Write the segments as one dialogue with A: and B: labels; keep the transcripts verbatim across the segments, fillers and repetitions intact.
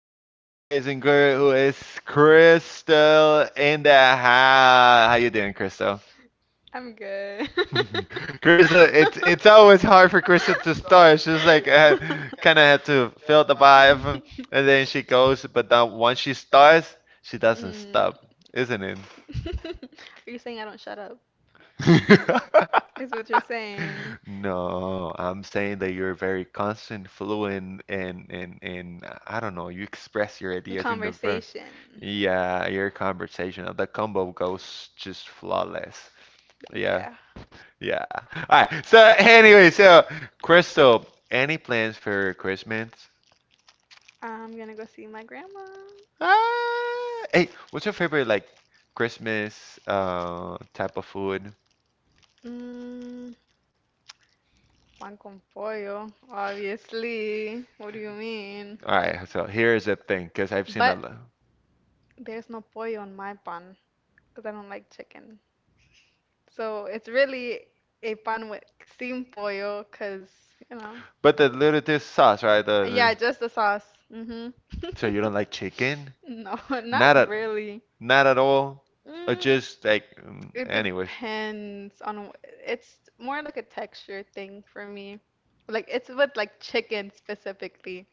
A: this amazing girl who is Crystal in the house. How you doing, Crystal?
B: I'm good. Chris,
A: Crystal, it's it's always hard for Crystal to start. She's like uh,
B: kind
A: kind of had to feel the vibe,
B: and
A: and then she goes. But then once she starts, she doesn't stop, isn't
B: Mm. stop. Are you saying I don't shut up?
A: it?
B: Is what you're saying.
A: No,
B: No,
A: I'm saying that you're very constant, fluent, and and and uh, I don't know. You express your ideas in the
B: yeah,
A: ver. Yeah, your conversation, uh, the combo goes just flawless. Yeah,
B: yeah. you.
A: yeah. All right. So anyway, so Crystal, any plans for Christmas?
B: I'm gonna go see my grandma.
A: Ah, hey, what's your favorite like Christmas uh type of food?
B: Mm, Pan con pollo, obviously. What do you mean?
A: All right. So here's the thing, because I've seen a
B: But
A: lot.
B: there's no pollo on my pan because I don't like chicken. So it's really a pan with sin pollo because, you know.
A: But the little this sauce, right?
B: Yeah,
A: The,
B: just the sauce. Mm-hmm.
A: So you don't like chicken?
B: No,
A: Not
B: not
A: at
B: really.
A: Not at all. Or
B: Mm,
A: just like mm,
B: it
A: anyways.
B: depends on. wh- It's more like a texture thing for me. Like it's with like chicken specifically.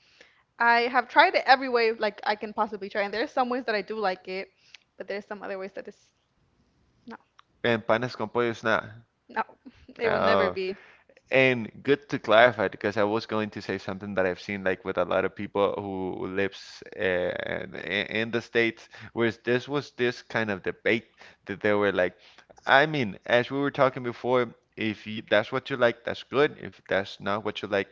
B: I have tried it every way like I can possibly try, and there are some ways that I do like it, but there's some other ways that is no,
A: And panes con pollo is not.
B: no, it will never
A: Uh,
B: be.
A: and good to clarify because I was going to say something that I've seen like with a lot of people who lives uh, in in the States, whereas this was this kind of debate that they were like, I mean, as we were talking before, if you, that's what you like, that's good. If that's not what you like,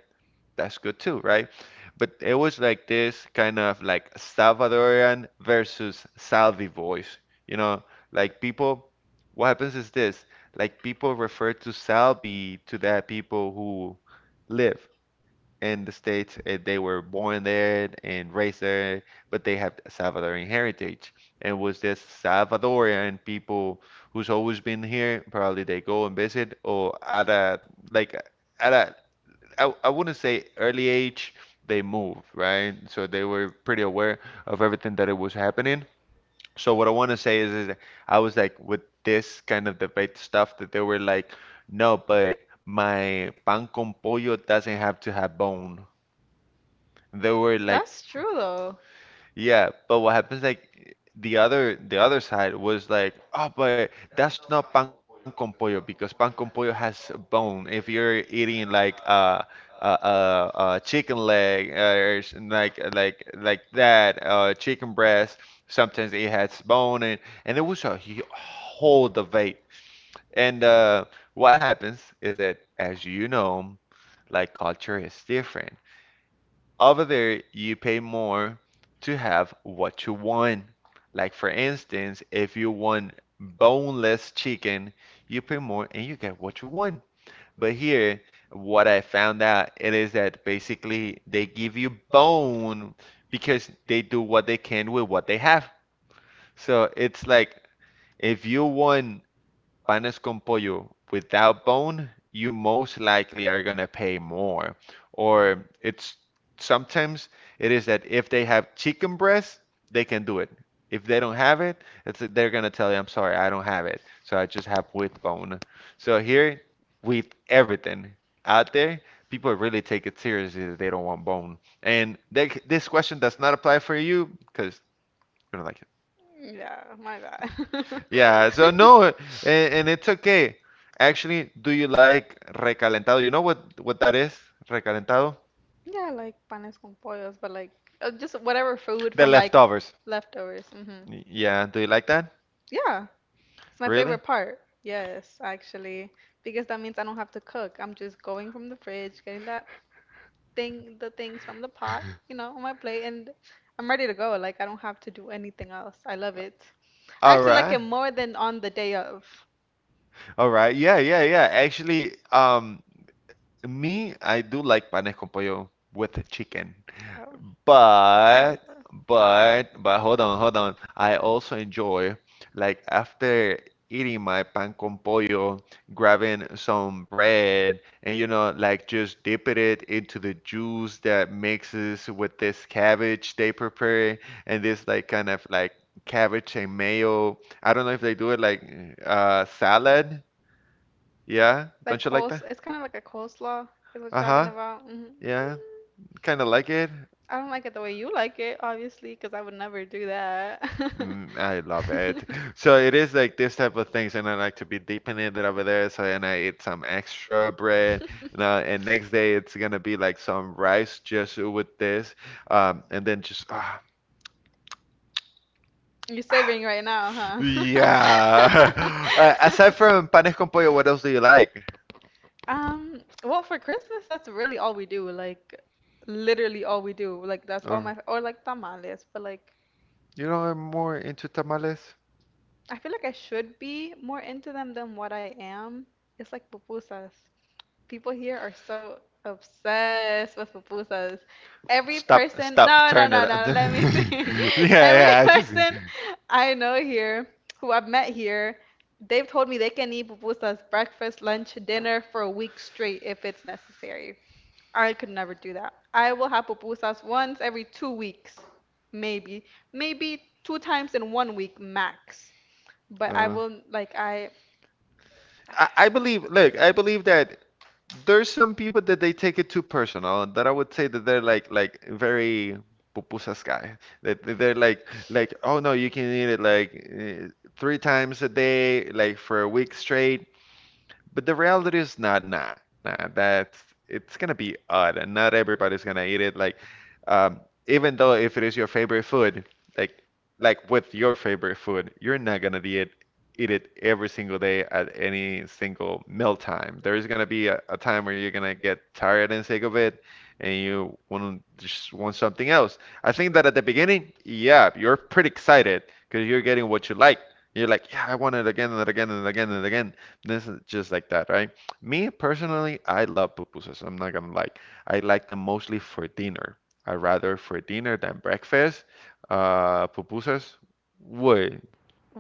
A: that's good too, right? But it was like this kind of like Salvadorian versus Salvi voice, you know, like people. What happens is this, like people refer to Salvi to that people who live in the States and they were born there and raised there, but they have Salvadorian heritage. And was this Salvadorian people who's always been here, probably they go and visit or at a like at a I, I wouldn't say early age, they moved, right? So they were pretty aware of everything that it was happening. So what I want to say is, is that I was like with this kind of debate stuff that they were like, no, but my pan con pollo doesn't have to have bone. They were like,
B: That's true though.
A: yeah, but what happens like the other the other side was like, oh, but that's not pan con pollo because pan con pollo has bone. If you're eating like a a a, a chicken leg or s- like like like that, uh, chicken breast, sometimes it has bone and and it was a hu- whole debate. And uh, what happens is that as you know, like culture is different. Over there, you pay more to have what you want. Like, for instance, if you want boneless chicken, you pay more and you get what you want. But here, what I found out it is that basically they give you bone because they do what they can with what they have. So it's like if you want panes con pollo without bone, you most likely are going to pay more. Or it's sometimes it is that if they have chicken breast, they can do it. If they don't have it, it's they're going to tell you, I'm sorry, I don't have it. So I just have with bone. So here, with everything out there, people really take it seriously that they don't want bone. And they, this question does not apply for you because you don't like
B: Yeah, my bad.
A: yeah, so no, and, and it's okay. Actually, do you like recalentado? You know what what that is? Recalentado?
B: Yeah, like panes con pollos, but like uh, just whatever food
A: The
B: from like
A: leftovers.
B: leftovers. hmm
A: Y- Yeah, do you like that?
B: Yeah, it's my
A: Really?
B: favorite part. Yes, actually, because that means I don't have to cook. I'm just going from the fridge, getting that thing the things from the pot, you know, on my plate and I'm ready to go. Like I don't have to do anything else. I love it. I
A: All
B: actually like
A: right.
B: it more than on the day of.
A: All right. Yeah, yeah, yeah. Actually, um me, I do like panes con pollo with chicken.
B: Um,
A: But
B: However,
A: but but hold on, hold on. I also enjoy like after eating my pan con pollo, grabbing some bread and you know like just dipping it into the juice that mixes with this cabbage they prepare and this like kind of like cabbage and mayo. I don't know if they do it like uh salad. Yeah,
B: like
A: don't you like
B: coles,
A: that?
B: it's kind of like a coleslaw is what you're talking
A: Uh-huh.
B: about. hmm
A: Yeah, kind of like it.
B: I don't like it the way you like it, obviously, because I would never do that.
A: Mm, I love it. So it is like this type of things, and I like to be dipping it over there. So and I eat some extra bread, and, uh, and next day it's gonna be like some rice just with this, um, and then just. Ah,
B: You're
A: ah.
B: saving right now, huh?
A: Yeah. Uh, aside from panes con pollo, what else do you like?
B: Um, well, for Christmas, that's really all we do. Like, literally all we do. Like, that's all
A: Or,
B: my, or like tamales. But like,
A: you know, I'm more into tamales.
B: I feel like I should be more into them than what I am. It's like pupusas. People here are so obsessed with pupusas. Every
A: Stop,
B: person,
A: stop,
B: no, no,
A: turn it.
B: no, no, let me think. Every
A: Yeah, yeah, I just.
B: person I know here, who I've met here, they've told me they can eat pupusas breakfast, lunch, dinner for a week straight if it's necessary. I could never do that. I will have pupusas once every two weeks, maybe, maybe two times in one week max. But I
A: Uh,
B: will, like, I.
A: I, I believe, look, I believe that there's some people that they take it too personal, that I would say that they're like like very pupusas guy. That that they're like like oh no, you can eat it like eh, three times a day, like for a week straight, but the reality is not nah, nah. That's it's gonna be odd, and not everybody's gonna eat it. Like, um, even though if it is your favorite food, like like with your favorite food, you're not gonna eat it eat it every single day at any single meal time. There's gonna be a, a time where you're gonna get tired and sick of it, and you want just want something else. I think that at the beginning, yeah, you're pretty excited because you're getting what you like. You're like, yeah, I want it again and again and again and again. This is just like that, right? Me personally, I love pupusas. I'm not gonna lie. I like them mostly for dinner. I rather for dinner than breakfast. Uh, pupusas, what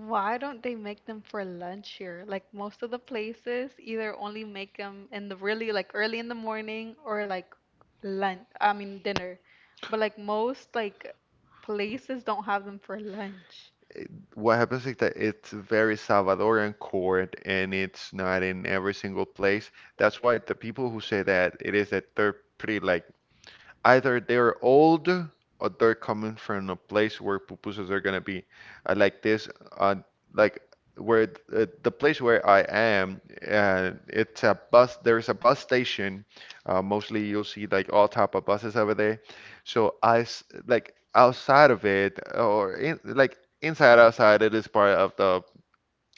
B: Why don't they make them for lunch here? Like most of the places either only make them in the really like early in the morning or like lunch, I mean dinner. But like most like places don't have them for lunch.
A: what happens is that it's very Salvadoran court and it's not in every single place. That's why the people who say that it is that they're pretty like either they're old or they're coming from a place where pupusas are gonna be. Uh, like this, uh, like where th- uh, the place where I am, uh, it's a bus. There's a bus station. Uh, mostly you'll see like all type of buses over there. So I s- like outside of it, or in, like inside outside, it is part of the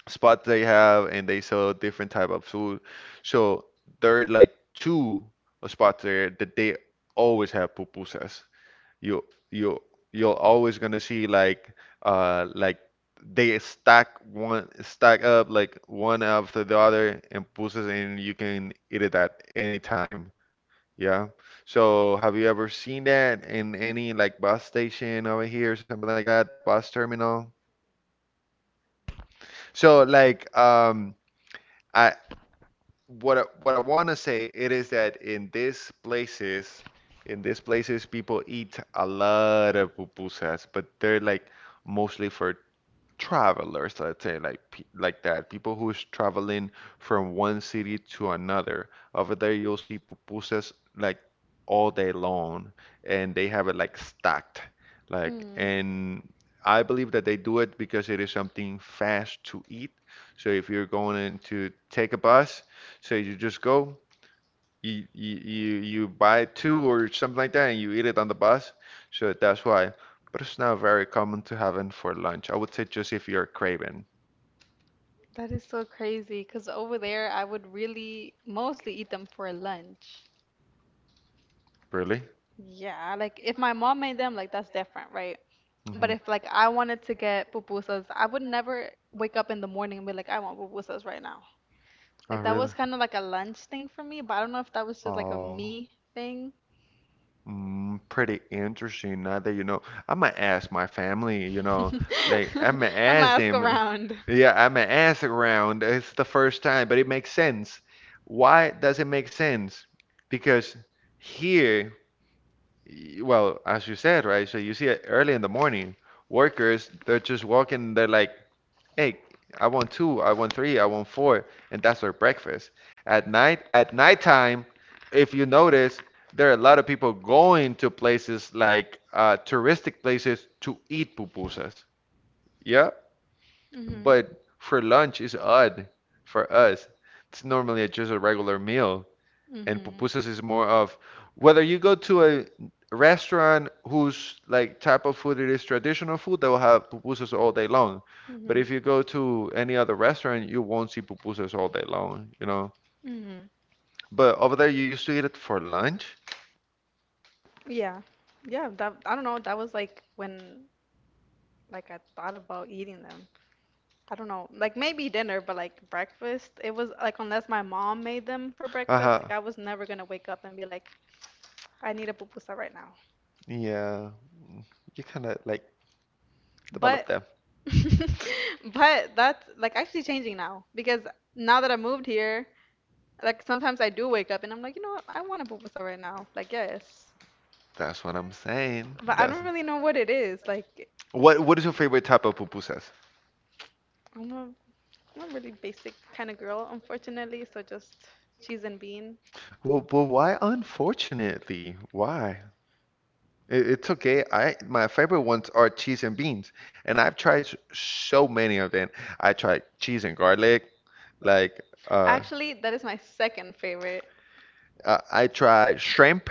A: spot they have and they sell different type of food. So there are like two uh, spots there that they always have pupusas. You you you're always gonna see like uh like they stack one stack up like one after the other and pupusas and you can eat it at any time. Yeah. So have you ever seen that in any like bus station over here or something like that, bus terminal? So like um I what I, what I want to say it is that in these places, in these places, people eat a lot of pupusas, but they're like mostly for travelers, let's say, like pe- like that, people who is traveling from one city to another. Over there, you'll see pupusas like all day long, and they have it like stacked, like.
B: Mm.
A: And I believe that they do it because it is something fast to eat. So if you're going in to take a bus, so you just go you you you you buy two or something like that and you eat it on the bus. So that's why. But it's not very common to have it for lunch. I would say just if you're craving.
B: That is so crazy because over there I would really mostly eat them for lunch.
A: Really?
B: Yeah, like if my mom made them, like that's different, right? But
A: Mm-hmm.
B: if like I wanted to get pupusas, I would never wake up in the morning and be like, I want pupusas right now.
A: Oh,
B: Like that
A: really?
B: was kind of like a lunch thing for me, but I don't know if that was just like a
A: Oh.
B: me thing.
A: Mm, pretty interesting. Now that you know, I'm gonna ask my family, you know, like I'm gonna
B: I'm gonna
A: ask
B: ask
A: them.
B: around.
A: Yeah, I'm gonna ask around. It's the first time, but it makes sense. Why does it make sense? Because here, Y- well, as you said, right? So you see it early in the morning, workers, they're just walking, they're like, hey, I want two, I want three, I want four, and that's their breakfast. At night, at nighttime, if you notice, there are a lot of people going to places like uh, touristic places to eat pupusas. Yeah,
B: Mhm.
A: but for lunch is odd for us. It's normally just a regular meal and
B: Mhm.
A: pupusas is more of whether you go to a restaurant whose like type of food it is traditional food, they will have pupusas all day long. But
B: Mhm.
A: if you go to any other restaurant, you won't see pupusas all day long, you know.
B: Mhm.
A: But over there, you used to eat it for lunch.
B: Yeah. Yeah, that I don't know, that was like when like I thought about eating them. I don't know. Like maybe dinner, but like breakfast, it was like unless my mom made them for breakfast,
A: Uh-huh.
B: like I was never gonna wake up and be like, I need a pupusa right now.
A: Yeah, you kind of like
B: But
A: develop that.
B: but that's like actually changing now because now that I moved here, like sometimes I do wake up and I'm like, you know what, I want a pupusa right now. Like yes.
A: That's what I'm saying.
B: But I don't
A: That's
B: really know what it is. Like
A: what. What is your favorite type of pupusas?
B: I'm a I'm a really basic kind of girl, unfortunately, so just cheese and bean.
A: Well, well, why? Unfortunately, why? It, it's okay. I my favorite ones are cheese and beans, and I've tried s- so many of them. I tried cheese and garlic, like uh,
B: Actually, that is my second favorite.
A: uh, I try shrimp.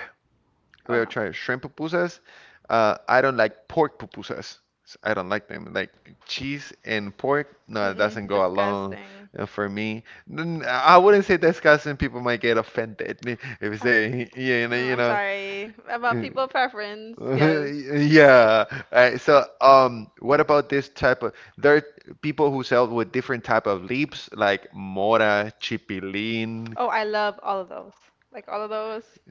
A: We
B: Oh
A: have
B: no.
A: tried shrimp pupusas. Uh, I don't like pork pupusas. S- I don't like them. Like cheese and pork, no, it doesn't
B: Mm-mm,
A: go along
B: disgusting.
A: uh, for me. N- I wouldn't say disgusting. People might get offended if you
B: Uh,
A: say, you know,
B: No,
A: you
B: I'm sorry. About
A: know.
B: people preference, yes.
A: Yeah. Alright, so um what about this type of, there are people who sell with different type of leaves like mora, chipilin.
B: Oh, I love all of those. Like all of those.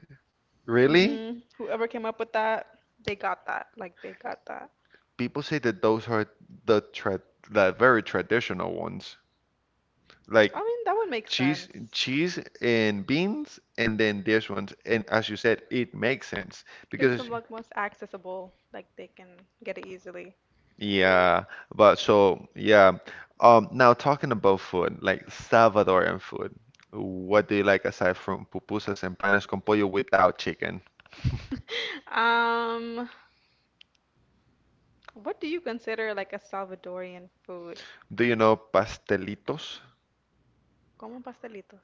A: Really?
B: hmm Whoever came up with that, they got that. Like they got that.
A: People say that those are the tra the very traditional ones. Like
B: I mean, that would make
A: cheese
B: sense.
A: cheese and beans, and then this ones, and as you said it makes sense
B: Because it's the
A: because...
B: like most accessible. Like they can get it easily.
A: Yeah, but so yeah. Um, now talking about food, like Salvadoran food, what do you like aside from pupusas and panes con pollo without chicken?
B: Um, what do you consider like a Salvadorian food?
A: Do you know pastelitos?
B: Como pastelitos.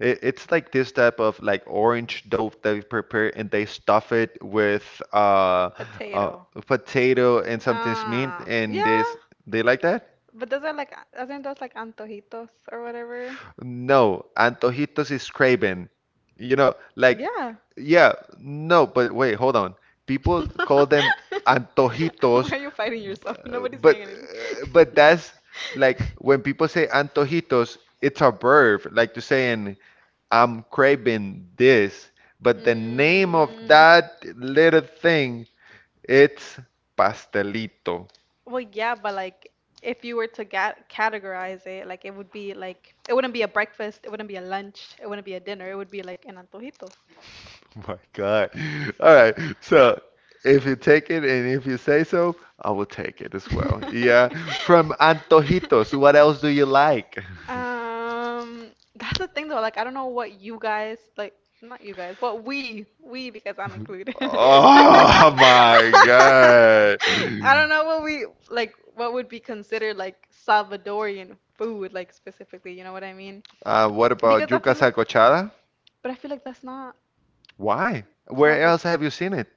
A: It, it's like this type of like orange dough that we prepare, and they stuff it with uh, uh
B: Potato.
A: potato and something meat,
B: Ah,
A: and this
B: yeah.
A: they like that?
B: But those are like, isn't those like antojitos or whatever?
A: No, antojitos is craven. You know, like,
B: Yeah.
A: yeah, no, but wait, hold on. People call them
B: Why
A: antojitos,
B: are you fighting yourself?
A: b-
B: Nobody's
A: but
B: saying anything.
A: but that's like when people say antojitos, it's a verb, like to say in I'm craving this, but the name of
B: Mm,
A: that little thing, it's pastelito.
B: Well, yeah, but like if you were to ga- categorize it, like it would be like it wouldn't be a breakfast, it wouldn't be a lunch, it wouldn't be a dinner, it would be like an antojito.
A: My God. All right. So if you take it and if you say so, I will take it as well. Yeah. From Antojitos, what else do you like?
B: Um, that's the thing though. Like, I don't know what you guys like. Not you guys, but we, we because I'm included. I
A: Oh my God.
B: don't know what we like. What would be considered like Salvadorian food, like specifically? You know what I mean?
A: Uh, what
B: Because
A: about
B: I
A: yuca
B: feel like,
A: salcochada?
B: but I feel like that's not
A: Why? Where
B: Salvador.
A: else have you seen it?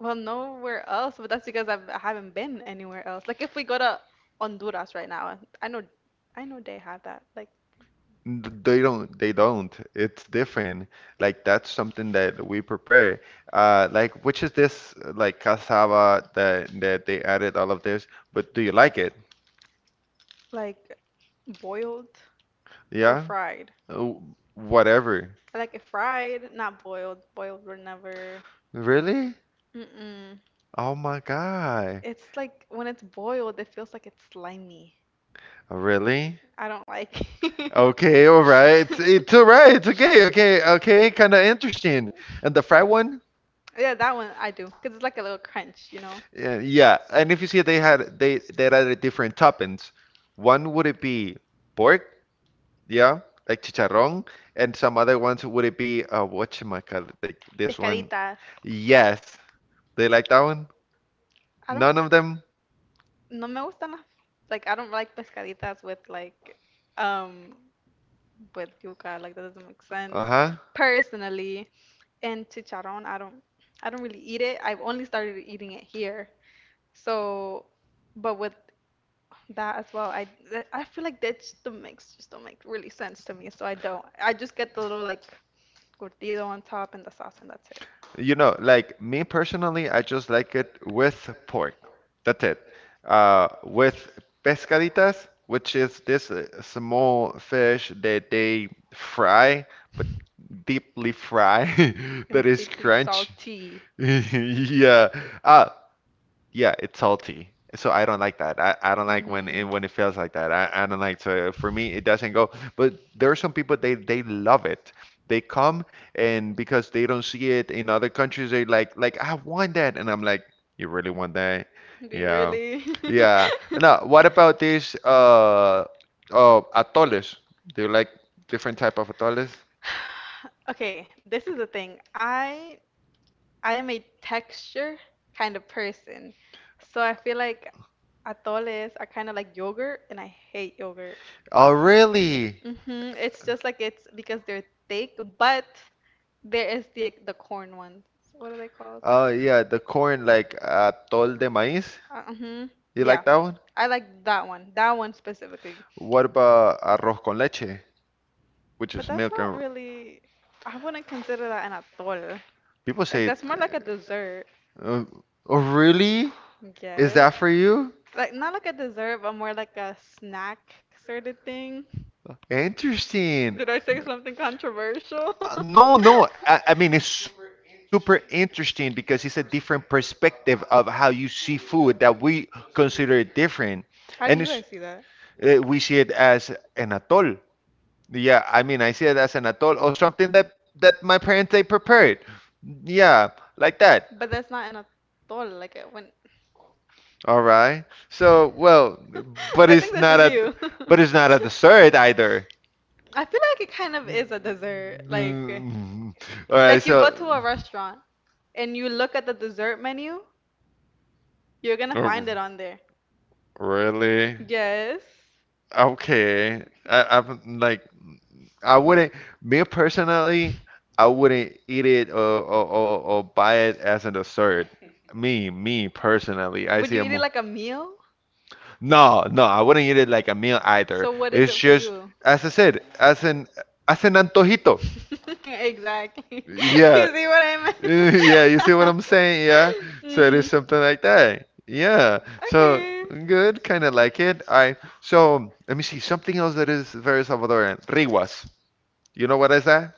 B: Well, nowhere else, but that's because I've, I haven't been anywhere else. Like if we go to Honduras right now, I know, I know they have that, like
A: Th- They don't, they don't. It's different. Like that's something that we prepare. Uh, like which is this uh, like cassava that that they added all of this, but do you like it?
B: like boiled or
A: Yeah?
B: fried.
A: Oh, whatever.
B: I like it fried, not boiled. Boiled were never.
A: Really?
B: Mm-mm.
A: Oh my God.
B: It's like when it's boiled, it feels like it's slimy.
A: Really?
B: I don't like.
A: Okay, all right. It's all right. It's okay. Okay. Okay. Kind of interesting. And the fried one?
B: Yeah, that one I do, 'cause it's like a little crunch, you know.
A: Yeah, yeah. And if you see, they had they they added different toppings. One would it be pork? Yeah, like chicharrón, and some other ones would it be uh whatchamacallit, like this one.
B: Pescaditas.
A: Yes, they like that one.
B: I don't.
A: None of them.
B: No me gustan las like I don't like pescaditas with like um with yuca like that doesn't make sense
A: Uh-huh.
B: personally. And chicharrón, I don't I don't really eat it. I've only started eating it here. So, but with that as well, I that- I feel like that just don't makes just don't make really sense to me. So I don't. I just get the little like curtido on top and the sauce and that's it.
A: You know, like me personally, I just like it with pork. That's it. Uh, with pescaditas, which is this uh, small fish that they fry, but deeply fry,
B: And
A: that is
B: deeply
A: crunch.
B: salty.
A: Yeah. Uh, yeah, it's salty. So I don't like that. I, I don't like when it
B: Mhm.
A: when it feels like that. I, I don't like, so for me it doesn't go. But there are some people they they love it. They come and because they don't see it in other countries, they like like I want that, and I'm like, you really want that?
B: Do you
A: Yeah,
B: really?
A: yeah. Now what about this uh uh atoles? Do you like different type of atoles?
B: Okay, this is the thing. I I am a texture kind of person. So I feel like atoles are kind of like yogurt and I hate yogurt.
A: Oh really?
B: hmm It's just like it's because they're thick, but there is the the corn ones. What are they called?
A: Oh yeah, the corn like atol de maíz.
B: Uh, hmm
A: You
B: Yeah.
A: like that.
B: I like that one. That one specifically.
A: What about arroz con leche, which
B: But
A: is
B: that's
A: milk
B: not
A: and
B: really, I wouldn't consider that an atol.
A: people
B: Like
A: say it.
B: that's more like a dessert,
A: Uh, uh, oh, really? Is
B: yes.
A: that for you?
B: Like not like a dessert, but more like a snack sort of thing.
A: Interesting.
B: Did I say something controversial?
A: Uh, No, no. I, I mean, it's super interesting because it's a different perspective of how you see food that we consider it different.
B: How
A: And
B: do you
A: it's,
B: guys see that?
A: uh, we see it as an atol. Yeah, I mean, I see it as an atol or something that that my parents they prepared. Yeah, like that.
B: But that's not an atol. Like uh, when
A: All right. So, well, but
B: I think
A: it's
B: that's
A: not
B: just
A: a,
B: you.
A: but it's not a dessert either.
B: I feel like it kind of is a dessert. Like,
A: Mm. All right.
B: like you go
A: So,
B: to a restaurant and you look at the dessert menu, you're gonna
A: oh,
B: find it on there.
A: really?
B: Yes.
A: Okay. I, I'm like, I wouldn't. Me personally, I wouldn't eat it or or, or, or buy it as a dessert. Me, me personally, I
B: Would
A: see
B: you
A: it
B: eat it
A: more.
B: like a meal?
A: No, no, I wouldn't eat it like a meal either.
B: So what is
A: It's
B: it for
A: just,
B: you?
A: as I said, as an as an antojito.
B: Exactly.
A: Yeah,
B: You see what I
A: yeah. You see what
B: meant?
A: I'm saying? Yeah. So it is
B: Mm.
A: something like that. Yeah. So
B: Okay.
A: good, kind of like it. I so let me see something else that is very Salvadoran. Riwas. You know what is that?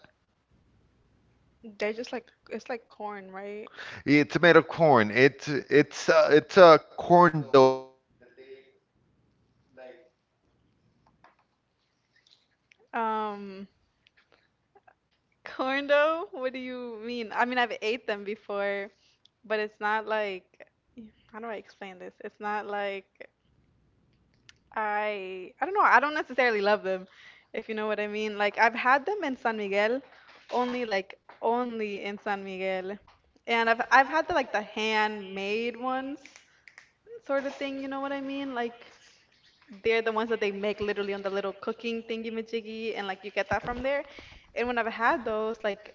B: They're just like it's like corn, right?
A: It's made of corn. It's it's uh, it's a corn dough that they like. s-
B: Um, Corn dough? What do you mean? I mean, I've ate them before, but it's not like, how do I explain this? It's not like I, I don't know, I don't necessarily love them, if you know what I mean. Like, I've had them in San Miguel, only like only in San Miguel. And I've I've had the like the handmade ones, sort of thing, you know what I mean? Like they're the ones that they make literally on the little cooking thingy majiggy, and like you get that from there. And when I've had those, like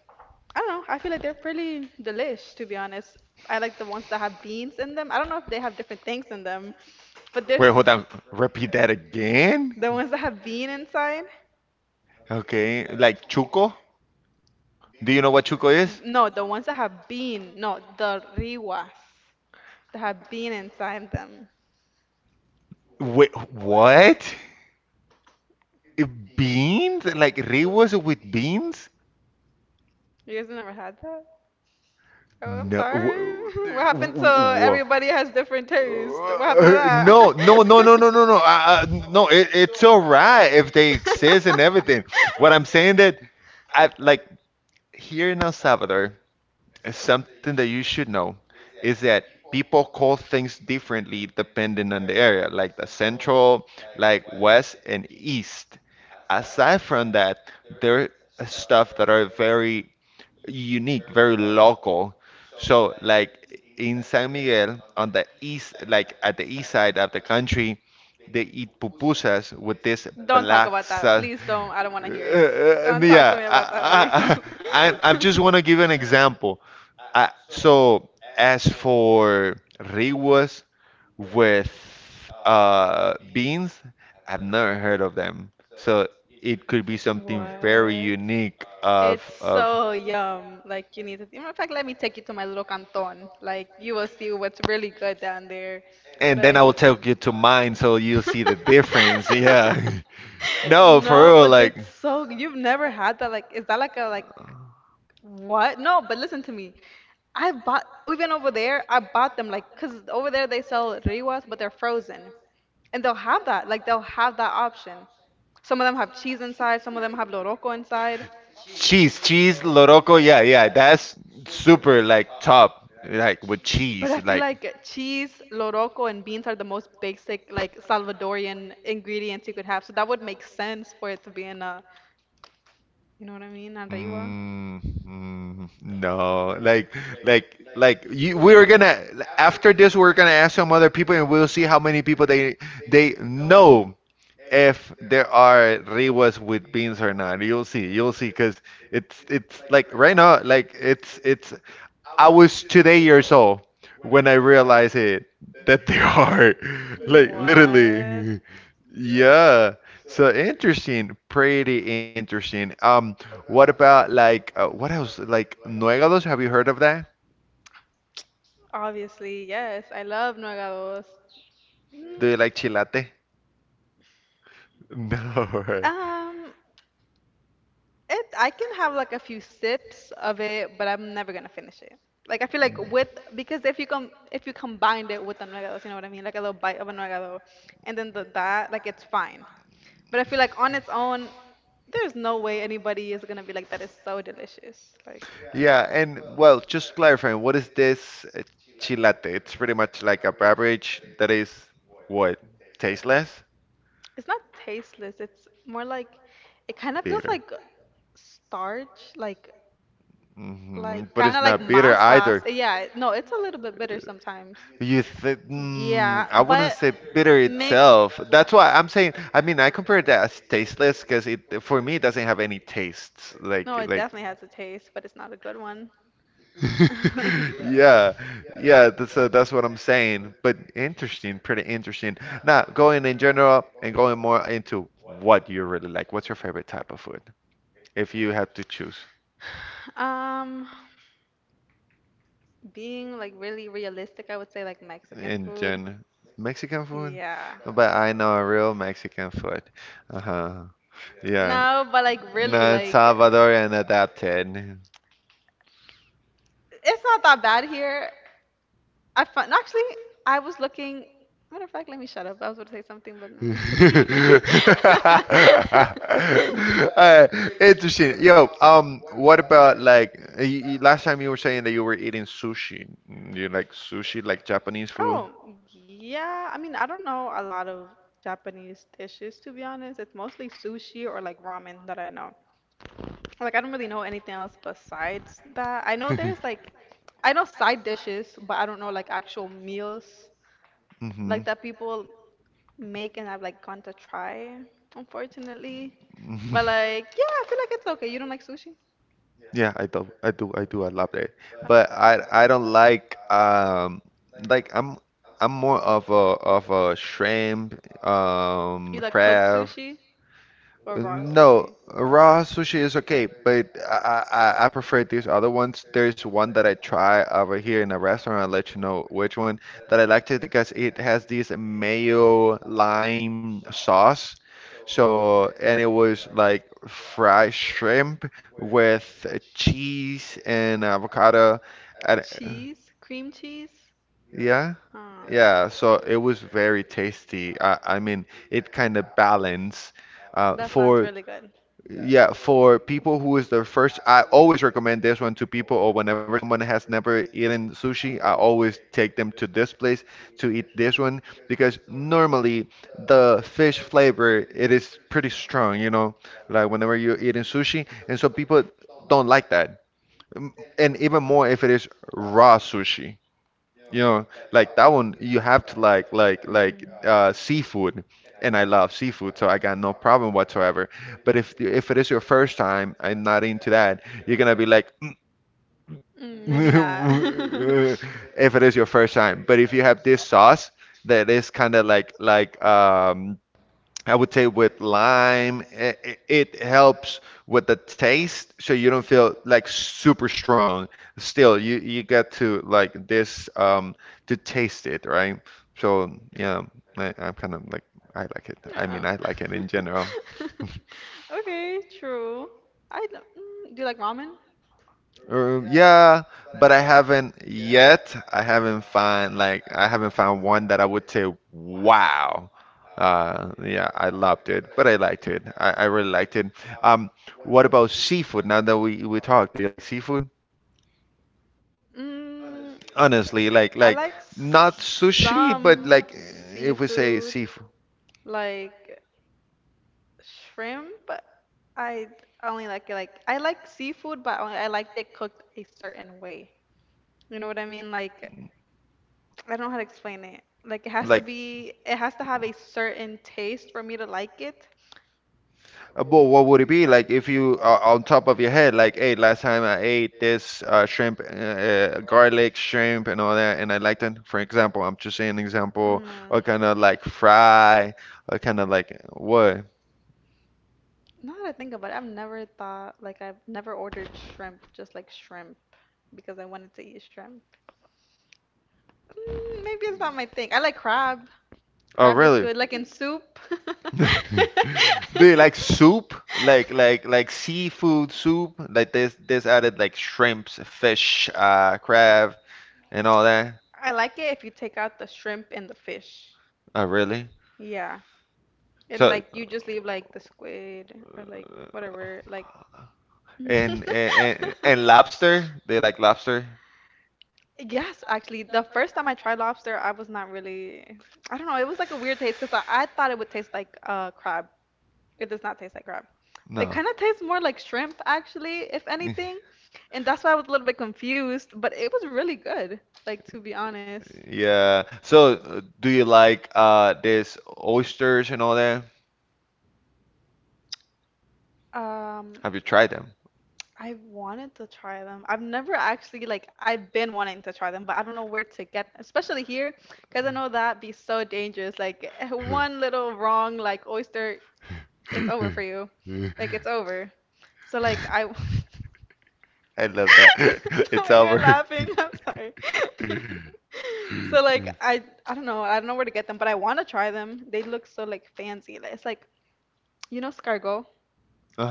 B: I don't know, I feel like they're pretty delish to be honest. I like the ones that have beans in them. I don't know if they have different things in them, but there's
A: Wait, hold on. Repeat that again?
B: the ones that have bean inside.
A: Okay, like chuco? Do you know what chuco is?
B: No, the ones that have bean. No, the riwas that have bean inside them.
A: Wait, what? Eh, Beans? Like riwas with beans?
B: You guys never had that? Oh, I'm
A: No.
B: sorry.
A: w-
B: What happened
A: w-
B: to
A: w-
B: everybody has different taste? What happened to
A: Uh, No, no, no,
B: that?
A: no, no, no, no. Uh, uh, no, it, it's all right if they exist and everything. What I'm saying that I like here in El Salvador, it's something that you should know is that people call things differently depending on the area, like the central, like west and east. Aside from that, there are stuff that are very unique, very local. So, like in San Miguel, on the east, like at the east side of the country, they eat pupusas with this
B: Don't talk
A: black
B: about that.
A: sauce.
B: Please don't. I don't
A: Uh,
B: want to hear it.
A: uh,
B: Don't talk to
A: yeah,
B: me
A: I,
B: about that,
A: I, I, I I
B: please.
A: just want to give an example. Uh, so as for riwas with uh, beans, I've never heard of them. So it could be something very
B: What?
A: unique of
B: It's
A: of.
B: so yum. Like you need to. In fact, let me take you to my little canton. Like you will see what's really good down there.
A: And then I
B: Like.
A: will take you to mine so you'll see the difference. Yeah. No, for
B: No,
A: real,
B: but
A: like.
B: it's so. You've never had that. Like, is that like a like what? No, but listen to me. I bought even over there. I bought them like because over there they sell riwas, but they're frozen, and they'll have that. Like they'll have that option. Some of them have cheese inside, some of them have loroco inside.
A: Cheese, cheese, loroco. Yeah, yeah. That's super like top, like with
B: But
A: cheese.
B: I feel
A: Like,
B: like cheese, loroco, and beans are the most basic, like Salvadorian ingredients you could have. So that would make sense for it to be in a, you know what I mean, arriba.
A: mm, mm, no, like, like, like you, we're gonna after this, we're gonna ask some other people, and we'll see how many people they they know if there are rewas with beans or not. You'll see. You'll see because it's it's like right now, like it's it's I was today years old when I realized it that they are like
B: What?
A: literally yeah. So interesting, pretty interesting. Um, what about like uh, what else? Like nuegados? Have you heard of that?
B: Obviously, yes. I love nuegados.
A: Do
B: Mm,
A: you like chilate? No.
B: Um, It I can have like a few sips of it, but I'm never gonna finish it. Like I feel like with because if you com if you combined it with the anagados, you know what I mean? Like a little bite of anagado and then the that, like it's fine. But I feel like on its own, there's no way anybody is gonna be like that is so delicious. Like
A: Yeah, and well, just clarifying, what is this uh, chilate? It's pretty much like a beverage that is what? Tasteless?
B: it's not tasteless, it's more like it kind of feels
A: Bitter.
B: like starch, like
A: hmm
B: like
A: But
B: kind
A: it's
B: of like
A: not bitter
B: masa.
A: either.
B: Yeah, no, it's a little bit bitter sometimes.
A: You said, mm,
B: Yeah,
A: I wouldn't
B: but
A: say bitter
B: may
A: itself. That's why I'm saying, I mean, I compare that as tasteless because it, for me, it doesn't have any tastes.
B: no,
A: Like,
B: it
A: like,
B: definitely has a taste, but it's not a good one.
A: yeah, yeah, that's uh, that's what I'm saying. But interesting, pretty interesting. Now, going in general and going more into what you really like. What's your favorite type of food? If you had to choose
B: Um, being like really realistic, I would say like Mexican
A: in
B: food.
A: general. Mexican food?
B: Yeah.
A: But I know a real Mexican food. Uh-huh. Yeah.
B: No, but like really
A: Not
B: like
A: Salvadorian adapted.
B: it's not that bad here. I found actually I was looking. Matter of fact, let me shut up. I was going to say something, but I'm not gonna.
A: Uh, interesting. Yo, um, what about like y y- last time you were saying that you were eating sushi? Mm, you like sushi, like Japanese food?
B: Oh, yeah. I mean, I don't know a lot of Japanese dishes to be honest. It's mostly sushi or like ramen that I know. Like I don't really know anything else besides that. I know there's like I know side dishes, but I don't know like actual meals
A: Mm-hmm.
B: like that people make and I've like gone to try, unfortunately. But like yeah, I feel like it's okay. You don't like sushi?
A: Yeah, I do. I do. I do. I love that.
B: Huh?
A: But I I don't like um like I'm I'm more of a of a shrimp,
B: You
A: um
B: like cooked
A: crab.
B: sushi or raw
A: No,
B: sushi?
A: raw sushi is okay, but I, I I prefer these other ones. There's one that I try over here in a restaurant. I'll let you know which one that I liked it because it has this mayo lime sauce. So, and it was like fried shrimp with cheese and avocado. And uh,
B: Cheese? Cream cheese?
A: yeah,
B: Huh.
A: yeah. So it was very tasty. I, I mean, it kind of balanced uh,
B: That sounds
A: for.
B: really good.
A: Yeah, for people who is their first, I always recommend this one to people, or whenever someone has never eaten sushi, I always take them to this place to eat this one because normally the fish flavor it is pretty strong, you know, like whenever you're eating sushi, and so people don't like that, Mm, and even more if it is raw sushi. You know, like that one, you have to like like like
B: Mhm.
A: uh, seafood, and I love seafood, so I got no problem whatsoever. But if the- if it is your first time, I'm not into that. You're gonna be like,
B: Mm, maybe not.
A: if it is your first time. But if you have this sauce that is kind of like like um I would say with lime, it, it helps with the taste, so you don't feel like super strong. Still, you you get to like this um to taste it, right? So yeah, I, I'm kind of like I like it. I
B: No.
A: mean, I like it in general.
B: Okay, true. I don't, mm, do you like ramen?
A: Uh, yeah, but I haven't yet. I haven't found like I haven't found one that I would say, wow. Uh, yeah, I loved it, but I liked it. I, I really liked it. Um, what about seafood? Now that we we talked, do you like seafood?
B: Mm,
A: Honestly, like like
B: I like
A: not sushi, but like
B: some
A: if we say
B: seafood,
A: seafood,
B: like shrimp, but I only like it like I like seafood, but only I like it cooked a certain way. You know what I mean? Like I don't know how to explain it. Like it has to
A: like
B: be, it has to have a certain taste for me to like it.
A: Uh, but what would it be like if you uh, on top of your head, like, hey, last time I ate this uh, shrimp, uh, uh, garlic shrimp, and all that, and I liked it. For example, I'm just saying an example,
B: Mm.
A: or kind of like fry, or kind of like what?
B: Now that I think about it, I've never thought like I've never ordered shrimp, just like shrimp, because I wanted to eat shrimp. Mm, maybe it's not my thing. I like crab.
A: Oh,
B: Crab is
A: really?
B: good, like in soup.
A: Do you like soup? Like like like seafood soup? Like this this added like shrimps, fish, uh, crab, and all that?
B: I like it if you take out the shrimp and the fish.
A: Oh, really?
B: Yeah. And
A: So.
B: like you just leave like the squid or like whatever, like
A: And and, and and lobster? They like lobster?
B: Yes, actually, the first time I tried lobster, I was not really, I don't know, it was like a weird taste because I, I thought it would taste like uh, crab. It does not taste like crab. It
A: No.
B: kind of tastes more like shrimp, actually, if anything. And that's why I was a little bit confused, but it was really good, like to be honest.
A: Yeah. So, uh, do you like uh this oysters and all that?
B: Um,
A: Have you tried them?
B: I wanted to try them. I've never actually like I've been wanting to try them, but I don't know where to get especially here, because I know that'd be so dangerous. Like one little wrong like oyster, it's over for you. Like it's over. So like I
A: I love that.
B: The
A: It's
B: way you're
A: over.
B: laughing, I'm sorry. So like I I don't know, I don't know where to get them, but I want to try them. They look so like fancy. Like, it's like you know escargot.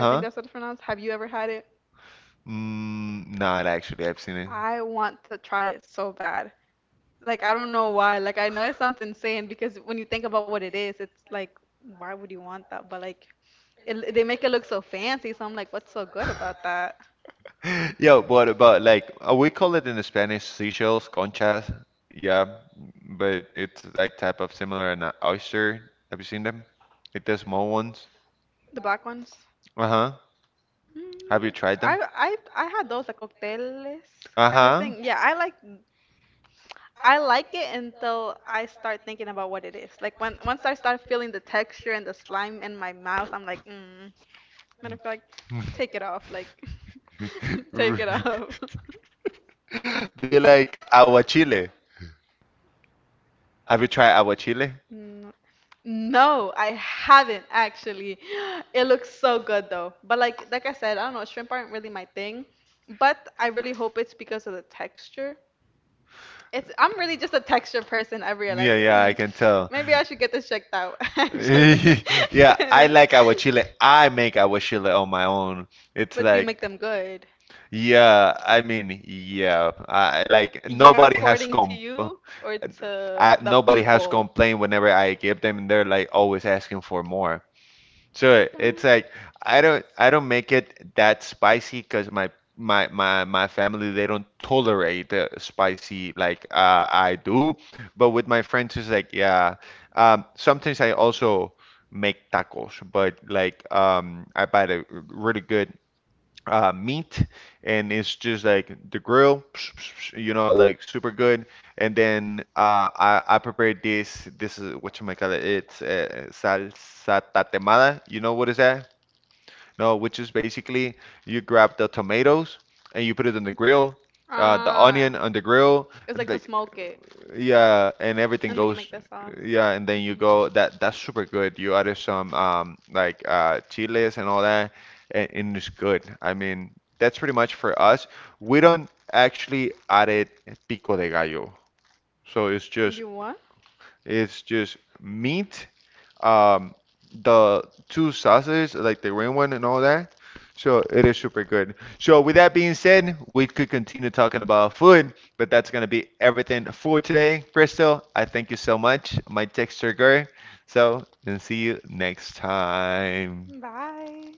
B: I think that's what it's pronounced. Have you ever had it?
A: Mm, not actually. I've seen it.
B: I want to try it so bad. Like I don't know why. Like I know it sounds insane because when you think about what it is, it's like why would you want that? But like it, they make it look so fancy, so I'm like, what's so good about that?
A: Yeah, but about like uh, we call it in the Spanish seashells, conchas. Yeah, but it's like type of similar an oyster. Have you seen them? It's the small ones.
B: The black ones?
A: Uh-huh. Have
B: Mm,
A: you tried them?
B: I I I had those like cócteles kind of
A: Uh-huh.
B: thing. Yeah, I like I like it until I start thinking about what it is. Like when once I start feeling the texture and the slime in my mouth, I'm like, mm, matter feel like take it off. Like, take it off.
A: Do you like aguachile? Have you tried aguachile?
B: Mm, no, I haven't actually. It looks so good though. But like like I said, I don't know, shrimp aren't really my thing. But I really hope it's because of the texture. It's I'm really just a texture person. I realize,
A: Yeah, yeah,
B: hmm,
A: I can tell.
B: maybe I should get this checked out actually.
A: Yeah, I
B: 'Cause-
A: like aguachile. I make aguachile on my own. It's
B: but do you
A: like,
B: make them good?
A: yeah, I mean, yeah, I like
B: Yeah,
A: nobody has
B: according to
A: comp uh,
B: you or to
A: I,
B: the
A: nobody has
B: people?
A: complained whenever I give them. They're like always asking for more. So it's
B: Okay.
A: like I don't I don't make it that spicy because my my my my family they don't tolerate uh, spicy like uh, I do. But with my friends it's like yeah. Um, sometimes I also make tacos, but like um, I buy the really good uh, meat, and it's just like the grill, you know, like super good. And then uh, I I prepared this. This is what you might call it. It's uh, salsa tatemada. You know what is that? No, which is basically you grab the tomatoes and you put it on the grill, uh, the
B: Ah,
A: onion on the grill,
B: it's
A: and
B: like to
A: like
B: smoke it,
A: yeah, and everything
B: and then you
A: goes
B: make the sauce.
A: yeah, and then you go that that's super good. You added some um like uh chiles and all that, and, and it's good. I mean, that's pretty much for us. We don't actually add it pico de gallo, so it's just
B: You what?
A: it's just meat, um, the two sauces, like the green one and all that. So it is super good. So with that being said, we could continue talking about food, but that's gonna be everything for today. Crystal, I thank you so much. My texture girl. So and see you next time.
B: Bye.